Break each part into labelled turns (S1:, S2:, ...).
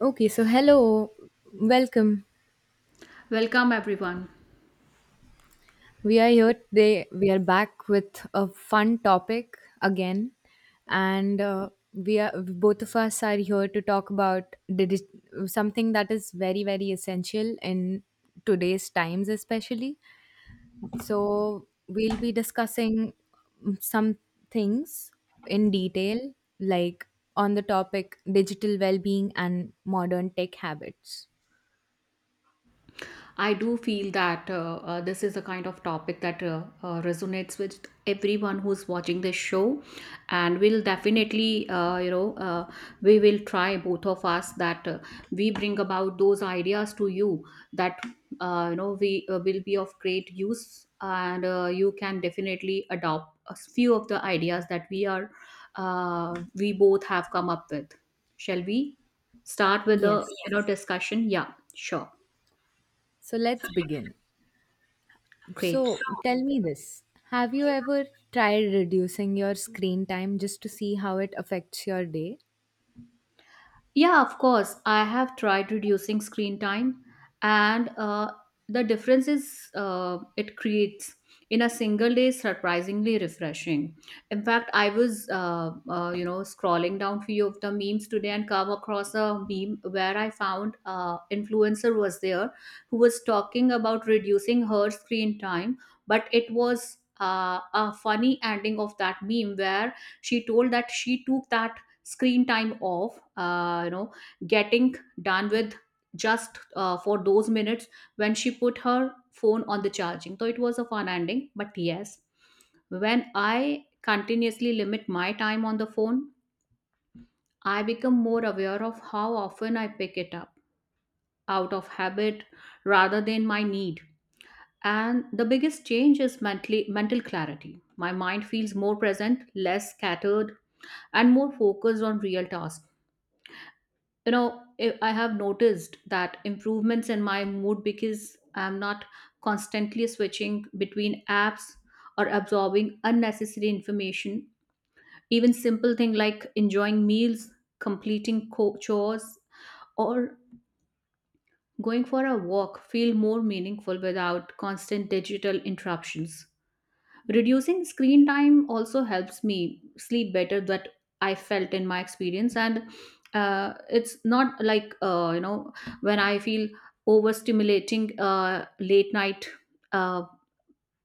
S1: Okay, so hello, welcome.
S2: Welcome everyone.
S1: We are here today. We are back with a fun topic again, and we are both of us are here to talk about something that is very very essential in today's times, especially. So we'll be discussing some things in detail, like on the topic digital well-being and modern tech habits.
S2: I do feel that this is a kind of topic that resonates with everyone who's watching this show, and we'll definitely we will try both of us that we bring about those ideas to you that you know we will be of great use, and you can definitely adopt a few of the ideas that we are we both have come up with. Shall we start with the
S1: Yes.
S2: Yes. discussion? Yeah, sure.
S1: So let's begin.
S2: Great. So,
S1: So tell me this. Have you ever tried reducing your screen time just to see how it affects your day?
S2: yeah, of course. I have tried reducing screen time, and the difference is it creates in a single day surprisingly refreshing. In fact, I was you know, scrolling down few of the memes today and come across a meme where I found influencer was there who was talking about reducing her screen time, but it was. A funny ending of that meme where she told that she took that screen time off you know, getting done with just for those minutes when she put her phone on the charging, so it was a fun ending. But yes, when I continuously limit my time on the phone, I become more aware of how often I pick it up out of habit rather than my need. And the biggest change is mentally mental clarity. My mind feels more present, less scattered, and more focused on real tasks. You know, I have noticed that improvements in my mood, because I'm not constantly switching between apps or absorbing unnecessary information. Even simple thing like enjoying meals, chores, or going for a walk feel more meaningful without constant digital interruptions. Reducing screen time also helps me sleep better, that I felt in my experience. And it's not like, you know, when I feel overstimulating late night, uh,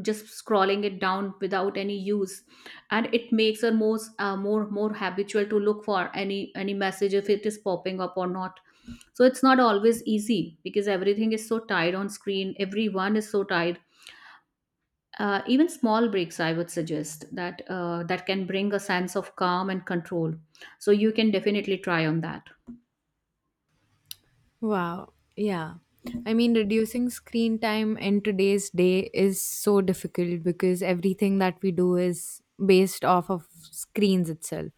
S2: just scrolling it down without any use, and it makes her more more habitual to look for any message if it is popping up or not. So it's not always easy, because everything is so tied on screen, everyone is so tied. Even small breaks, I would suggest that that can bring a sense of calm and control. So you can definitely try on that.
S1: Wow. Yeah. I mean, reducing screen time in today's day is so difficult because everything that we do is based off of screens itself.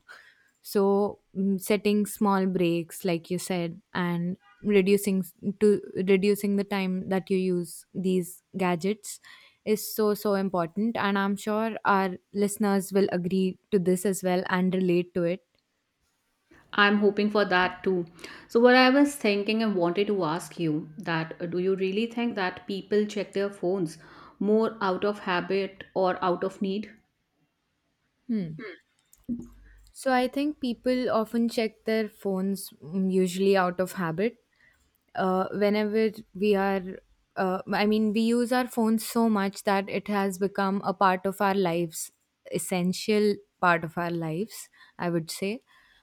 S1: So, setting small breaks, like you said, and reducing s- to reducing the time that you use these gadgets is so so important, and I'm sure our listeners will agree to this as well and relate to it.
S2: I'm hoping for that too. So what I was thinking and wanted to ask you that do you really think that people check their phones more out of habit or out of need?
S1: So I think people often check their phones usually out of habit. Uh, whenever we are, I mean, we use our phones so much that it has become a part of our lives, essential part of our lives, I would say.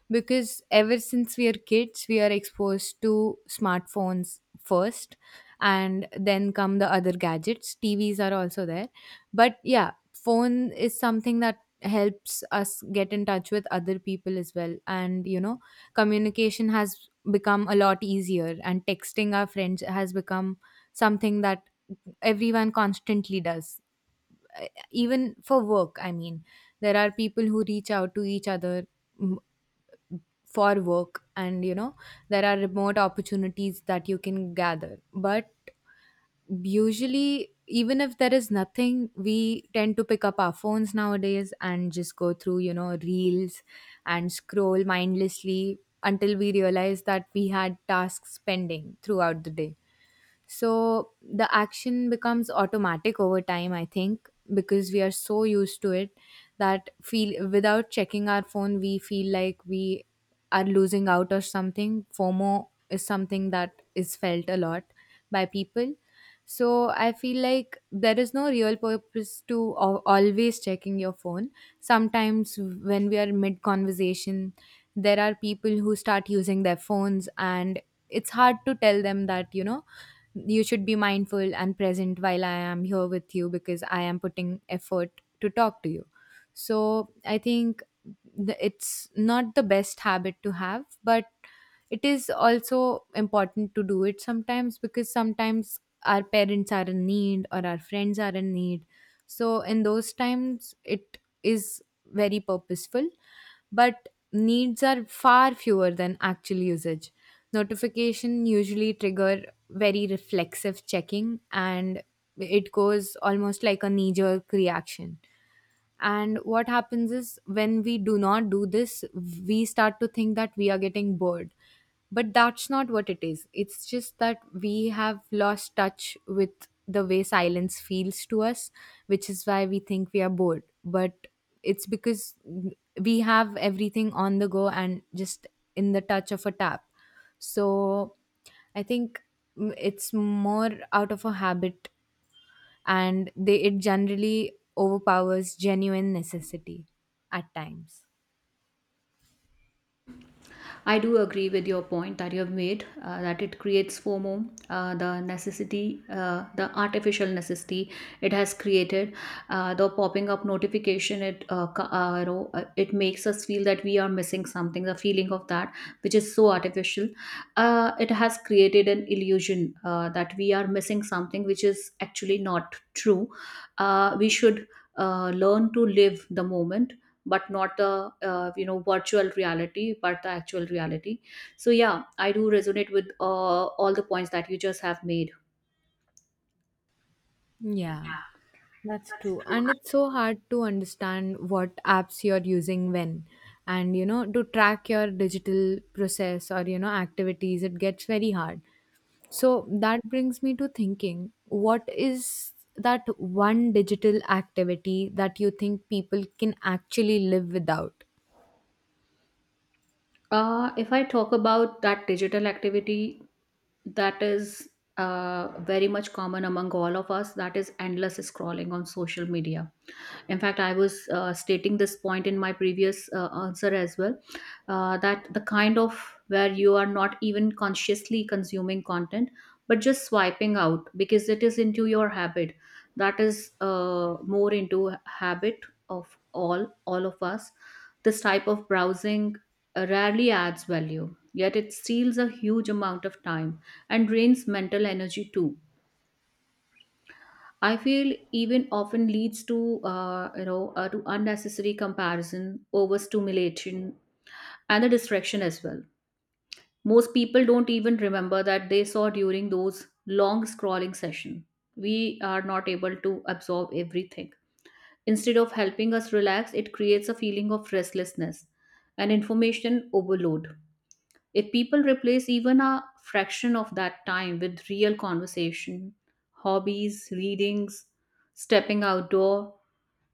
S1: Because ever since we are kids, we are exposed to smartphones first, and then come the other gadgets. TVs are also there, but yeah, phone is something that helps us get in touch with other people as well, and you know, communication has become a lot easier, and texting our friends has become something that everyone constantly does. Uh, Even for work, I mean, there are people who reach out to each other, mm, for work, and you know, there are remote opportunities that you can gather. But usually, even if there is nothing, we tend to pick up our phones nowadays and just go through, you know, reels and scroll mindlessly until we realize that we had tasks pending throughout the day. So the action becomes automatic over time, I think, because we are so used to it that feel without checking our phone, we feel like we are losing out or something. FOMO is something that is felt a lot by people. So I feel like there is no real purpose to always checking your phone. Sometimes when we are mid conversation, there are people who start using their phones, and it's hard to tell them that, you know, you should be mindful and present while I am here with you because I am putting effort to talk to you. So I think it's not the best habit to have, but it is also important to do it sometimes because sometimes our parents are in need or our friends are in need. So in those times, it is very purposeful, but needs are far fewer than actual usage. Notification usually trigger very reflexive checking, and it goes almost like a knee jerk reaction. And what happens is when we do not do this, we start to think that we are getting bored, but that's not what it is. It's just that we have lost touch with the way silence feels to us, which is why we think we are bored. But it's because we have everything on the go and just in the touch of a tap. So I think, it's more out of a habit, and they it generally overpowers genuine necessity at times.
S2: I do agree with your point that you have made, that it creates FOMO, the necessity, the artificial necessity it has created, the popping up notification. It you know, it makes us feel that we are missing something. The feeling of that, which is so artificial, it has created an illusion that we are missing something, which is actually not true. We should learn to live the moment, but not the you know, virtual reality, but the actual reality. So yeah, I do resonate with all the points that you just have made.
S1: Yeah. That's true. And it's so hard to understand what apps you're using when. And, you know, to track your digital process or, you know, activities, it gets very hard. So that brings me to thinking, what is that one digital activity that you think people can actually live without?
S2: If I talk about that digital activity that is very much common among all of us, that is endless scrolling on social media. In fact, I was stating this point in my previous answer as well, that the kind of where you are not even consciously consuming content, but just swiping out because it is into your habit. That is more into habit of all of us. This type of browsing rarely adds value, yet it steals a huge amount of time and drains mental energy too. I feel even often leads to to unnecessary comparison, overstimulation, and the distraction as well. Most people don't even remember that they saw during those long scrolling session. We are not able to absorb everything. Instead of helping us relax, it creates a feeling of restlessness and information overload. If people replace even a fraction of that time with real conversation, hobbies, readings, stepping outdoor,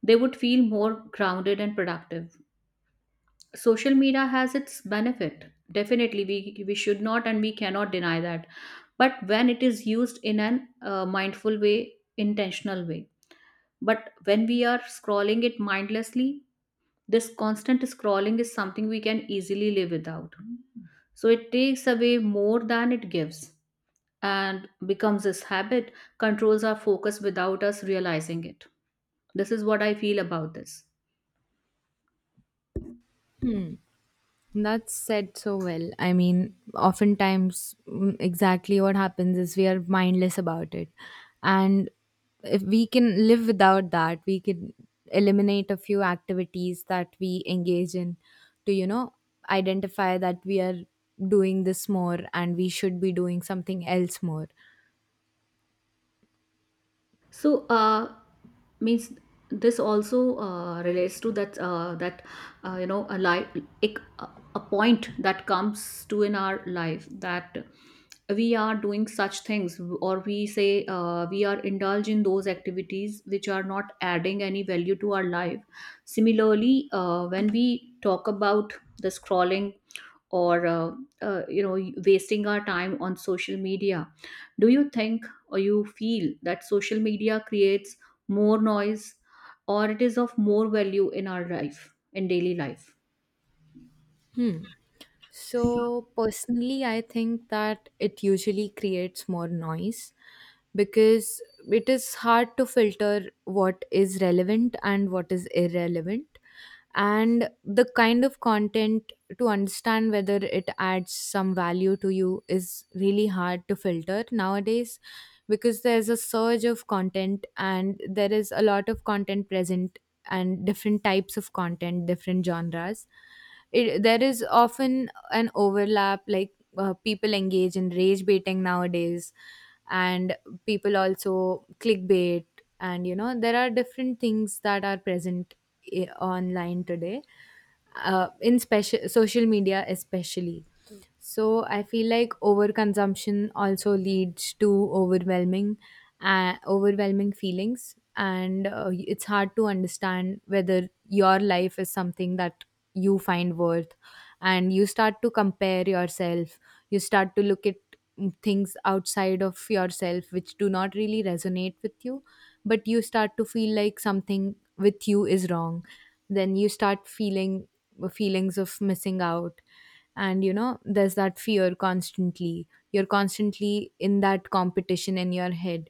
S2: they would feel more grounded and productive. Social media has its benefit. Definitely, we should not and we cannot deny that. But when it is used in an, mindful way, intentional way. But when we are scrolling it mindlessly, this constant scrolling is something we can easily live without. So it takes away more than it gives and becomes this habit, controls our focus without us realizing it. This is what I feel about this.
S1: Hmm. That's said so well. I mean, oftentimes, exactly what happens is we are mindless about it. And if we can live without that, we can eliminate a few activities that we engage in to, you know, identify that we are doing this more and we should be doing something else more.
S2: So, means this also relates to that, that you know, a life ek- a a point that comes to in our life, that we are doing such things, or we say we are indulged in those activities which are not adding any value to our life. Similarly, when we talk about the scrolling or you know, wasting our time on social media, do you think or you feel that social media creates more noise, or it is of more value in our life, in daily life?
S1: Hmm. So, personally, I think that it usually creates more noise because it is hard to filter what is relevant and what is irrelevant, and the kind of content to understand whether it adds some value to you is really hard to filter nowadays because there's a surge of content and there is a lot of content present and different types of content, different genres. There is often an overlap, like people engage in rage baiting nowadays, and people also clickbait. And you know, there are different things that are present online today, in special social media especially. So I feel like overconsumption also leads to overwhelming, overwhelming feelings, and it's hard to understand whether your life is something that you find worth, and you start to compare yourself. You start to look at things outside of yourself which do not really resonate with you, but you start to feel like something with you is wrong. Then you start feeling feelings of missing out, and you know, there's that fear. Constantly you're constantly in that competition in your head,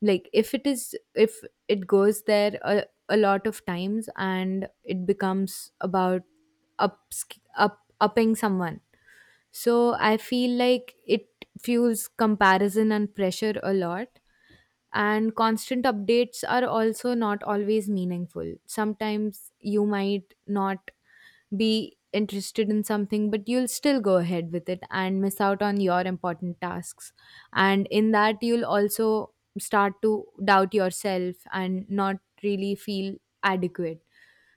S1: like if it is, if it goes there a lot of times, and it becomes about up up upping someone. So I feel like it fuels comparison and pressure a lot, and constant updates are also not always meaningful. Sometimes you might not be interested in something, but you'll still go ahead with it and miss out on your important tasks. And in that, you'll also start to doubt yourself and not really feel adequate.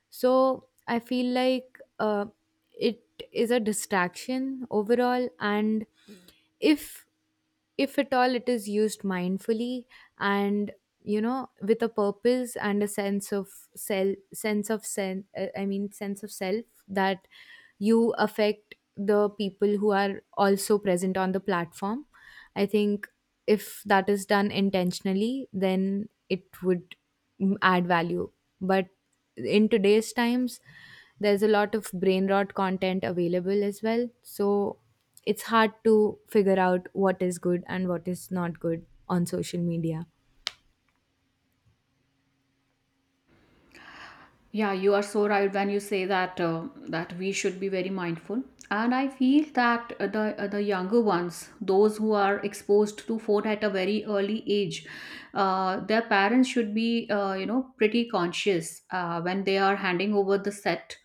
S1: So I feel like it is a distraction overall, and if at all it is used mindfully and, you know, with a purpose and a sense of self sense of sen- I mean, sense of self, that you affect the people who are also present on the platform. I think if that is done intentionally, then it would add value. But in today's times, there's a lot of brain rot content available as well, so it's hard to figure out what is good and what is not good on social media.
S2: Yeah, you are so right when you say that that we should be very mindful. And I feel that the younger ones, those who are exposed to phone at a very early age, their parents should be you know, pretty conscious when they are handing over the set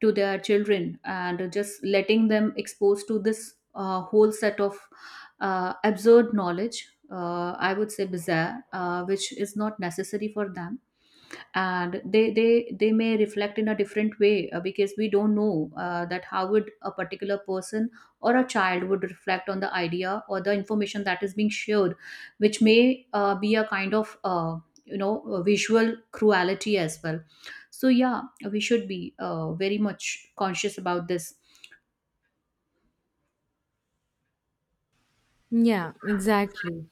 S2: to their children and just letting them exposed to this whole set of absurd knowledge, I would say bizarre, which is not necessary for them. And they may reflect in a different way, because we don't know that how would a particular person or a child would reflect on the idea or the information that is being shared, which may be a kind of visual cruelty as well. So yeah, we should be very much conscious about this.
S1: Yeah, exactly.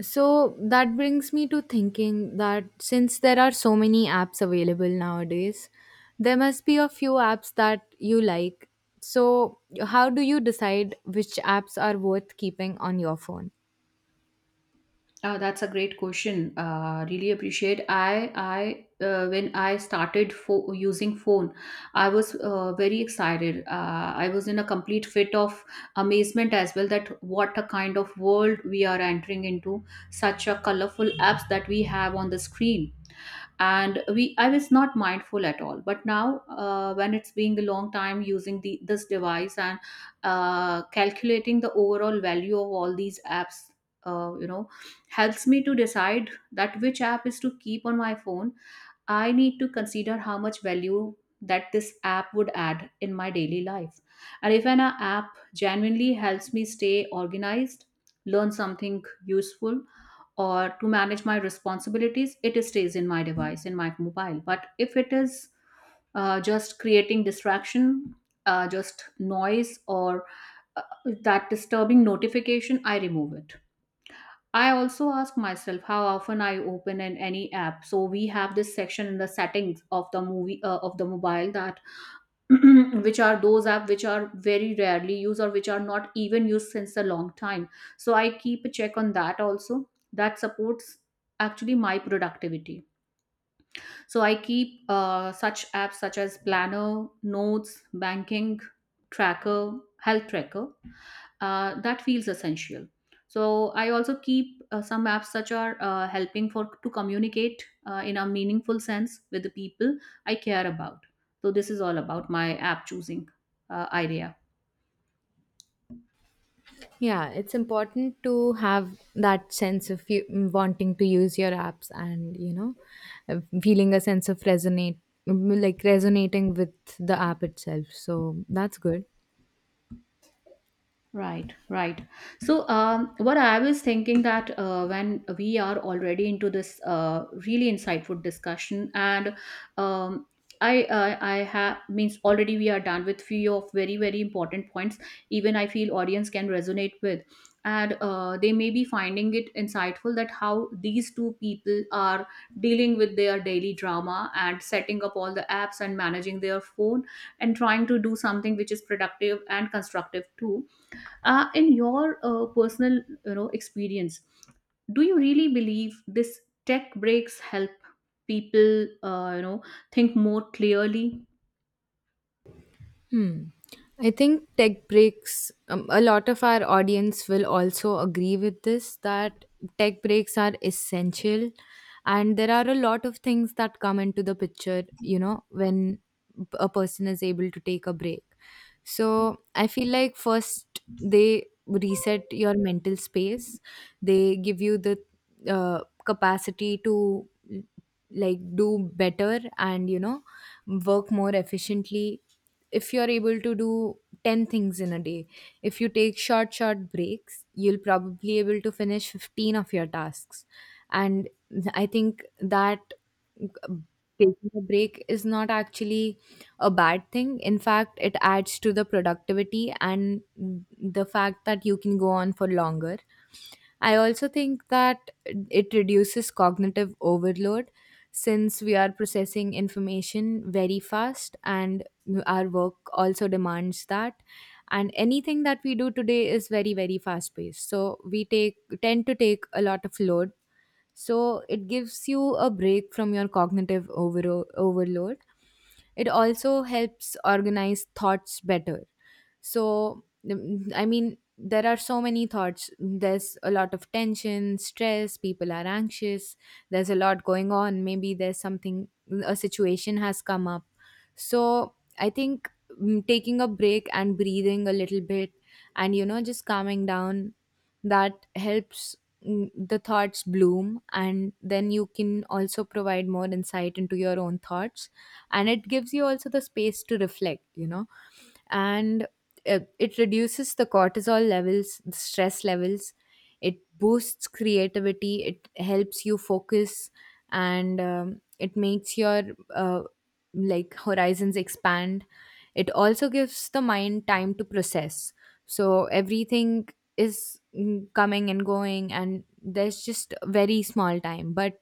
S1: So that brings me to thinking that since there are so many apps available nowadays, there must be a few apps that you like. So, how do you decide which apps are worth keeping on your phone?
S2: That's a great question. Really appreciate. I when I started for using phone, I was very excited. I was in a complete fit of amazement as well, that what a kind of world we are entering into. Such a colorful apps that we have on the screen. And we, I was not mindful at all, but now when it's being a long time using the this device, and calculating the overall value of all these apps, you know, helps me to decide that which app is to keep on my phone. I need to consider how much value that this app would add in my daily life. And if an app genuinely helps me stay organized, learn something useful, or to manage my responsibilities, it stays in my device, in my mobile. But if it is just creating distraction, just noise, or uh, that disturbing notification, I remove it. I also ask myself how often I open in any app. So we have this section in the settings of the movie, of the mobile, that which are those apps? Which are very rarely used, or which are not even used since a long time. So I keep a check on that also, that supports actually my productivity. So I keep such apps such as planner, notes, banking tracker, health tracker, that feels essential. So I also keep some apps such are helping for to communicate in a meaningful sense with the people I care about. So this is all about my app choosing idea.
S1: Yeah, it's important to have that sense of you wanting to use your apps and, you know, feeling a sense of resonate, like resonating with the app itself. So, that's good.
S2: Right, right. So, what I was thinking that when we are already into this really insightful discussion, and um, I have means already we are done with few of very very important points. Even I feel audience can resonate with, and they may be finding it insightful that how these two people are dealing with their daily drama and setting up all the apps and managing their phone and trying to do something which is productive and constructive too. In your personal, you know, experience, do you really believe this tech breaks help people you know, think more clearly?
S1: Hmm. I think tech breaks, a lot of our audience will also agree with this that tech breaks are essential. And there are a lot of things that come into the picture, you know, when a person is able to take a break. So I feel like first they reset your mental space, they give you the capacity to like do better and, you know, work more efficiently. If you're able to do 10 things in a day, if you take short breaks, you'll probably able to finish 15 of your tasks. And I think that uh, taking a break is not actually a bad thing. In fact, it adds to the productivity and the fact that you can go on for longer. I also think that it reduces cognitive overload since we are processing information very fast, and our work also demands that, and anything that we do today is very very fast paced, so we take tend to take a lot of load. So it gives you a break from your overload. It also helps organize thoughts better. So I mean, there are so many thoughts. There's a lot of tension, stress, people are anxious, there's a lot going on, maybe there's something, a situation has come up. So I think, taking a break and breathing a little bit and, you know, just calming down, that helps the thoughts bloom, and then you can also provide more insight into your own thoughts. And it gives you also the space to reflect, you know. And it reduces the cortisol levels, the stress levels. It boosts creativity. It helps you focus, and it makes your uh, like horizons expand. It also gives the mind time to process. So everything is coming and going, and there's just very small time. But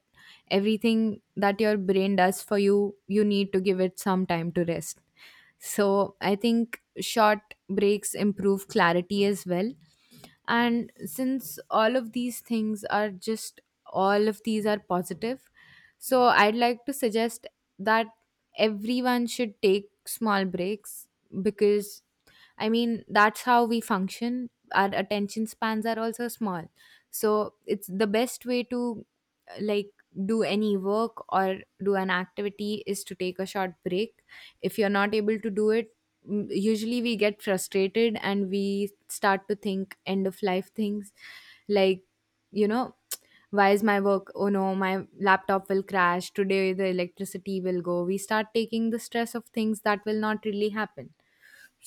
S1: everything that your brain does for you, you need to give it some time to rest. So I think short breaks improve clarity as well. And since all of these things are just all of these are positive, so I'd like to suggest that everyone should take small breaks because I mean, that's how we function. Our attention spans are also small. So it's the best way to like do any work or do an activity is to take a short break. If you're not able to do it, usually we get frustrated and we start to think end of life things, like, you know, why is my work, oh no, my laptop will crash today, the electricity will go. We start taking the stress of things that will not really happen.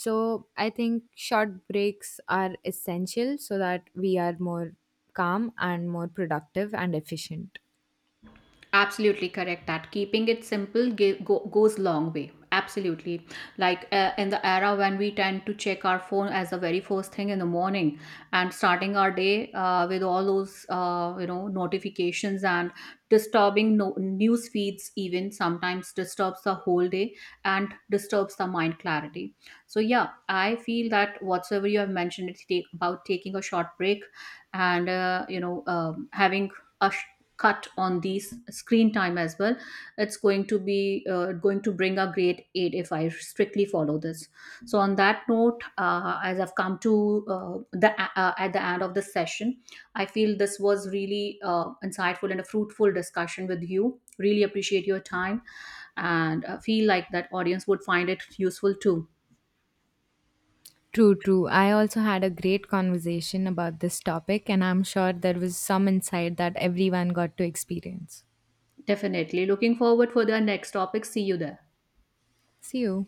S1: So I think short breaks are essential so that we are more calm and more productive and efficient.
S2: Absolutely correct that keeping it simple goes long way. Absolutely. Like in the era when we tend to check our phone as the very first thing in the morning and starting our day with all those you know, notifications and disturbing news feeds even sometimes disturbs the whole day and disturbs the mind clarity. So yeah, I feel that whatsoever you have mentioned, it's about taking a short break, and you know, having a sh- cut on these screen time as well. It's going to be going to bring a great aid if I strictly follow this. So on that note, as I've come to uh, the at the end of the session, I feel this was really insightful and a fruitful discussion with you. Really appreciate your time, and feel like that audience would find it useful too.
S1: True, true. I also had a great conversation about this topic, and I'm sure there was some insight that everyone got to experience.
S2: Definitely looking forward for the next topic. See you there.
S1: See you.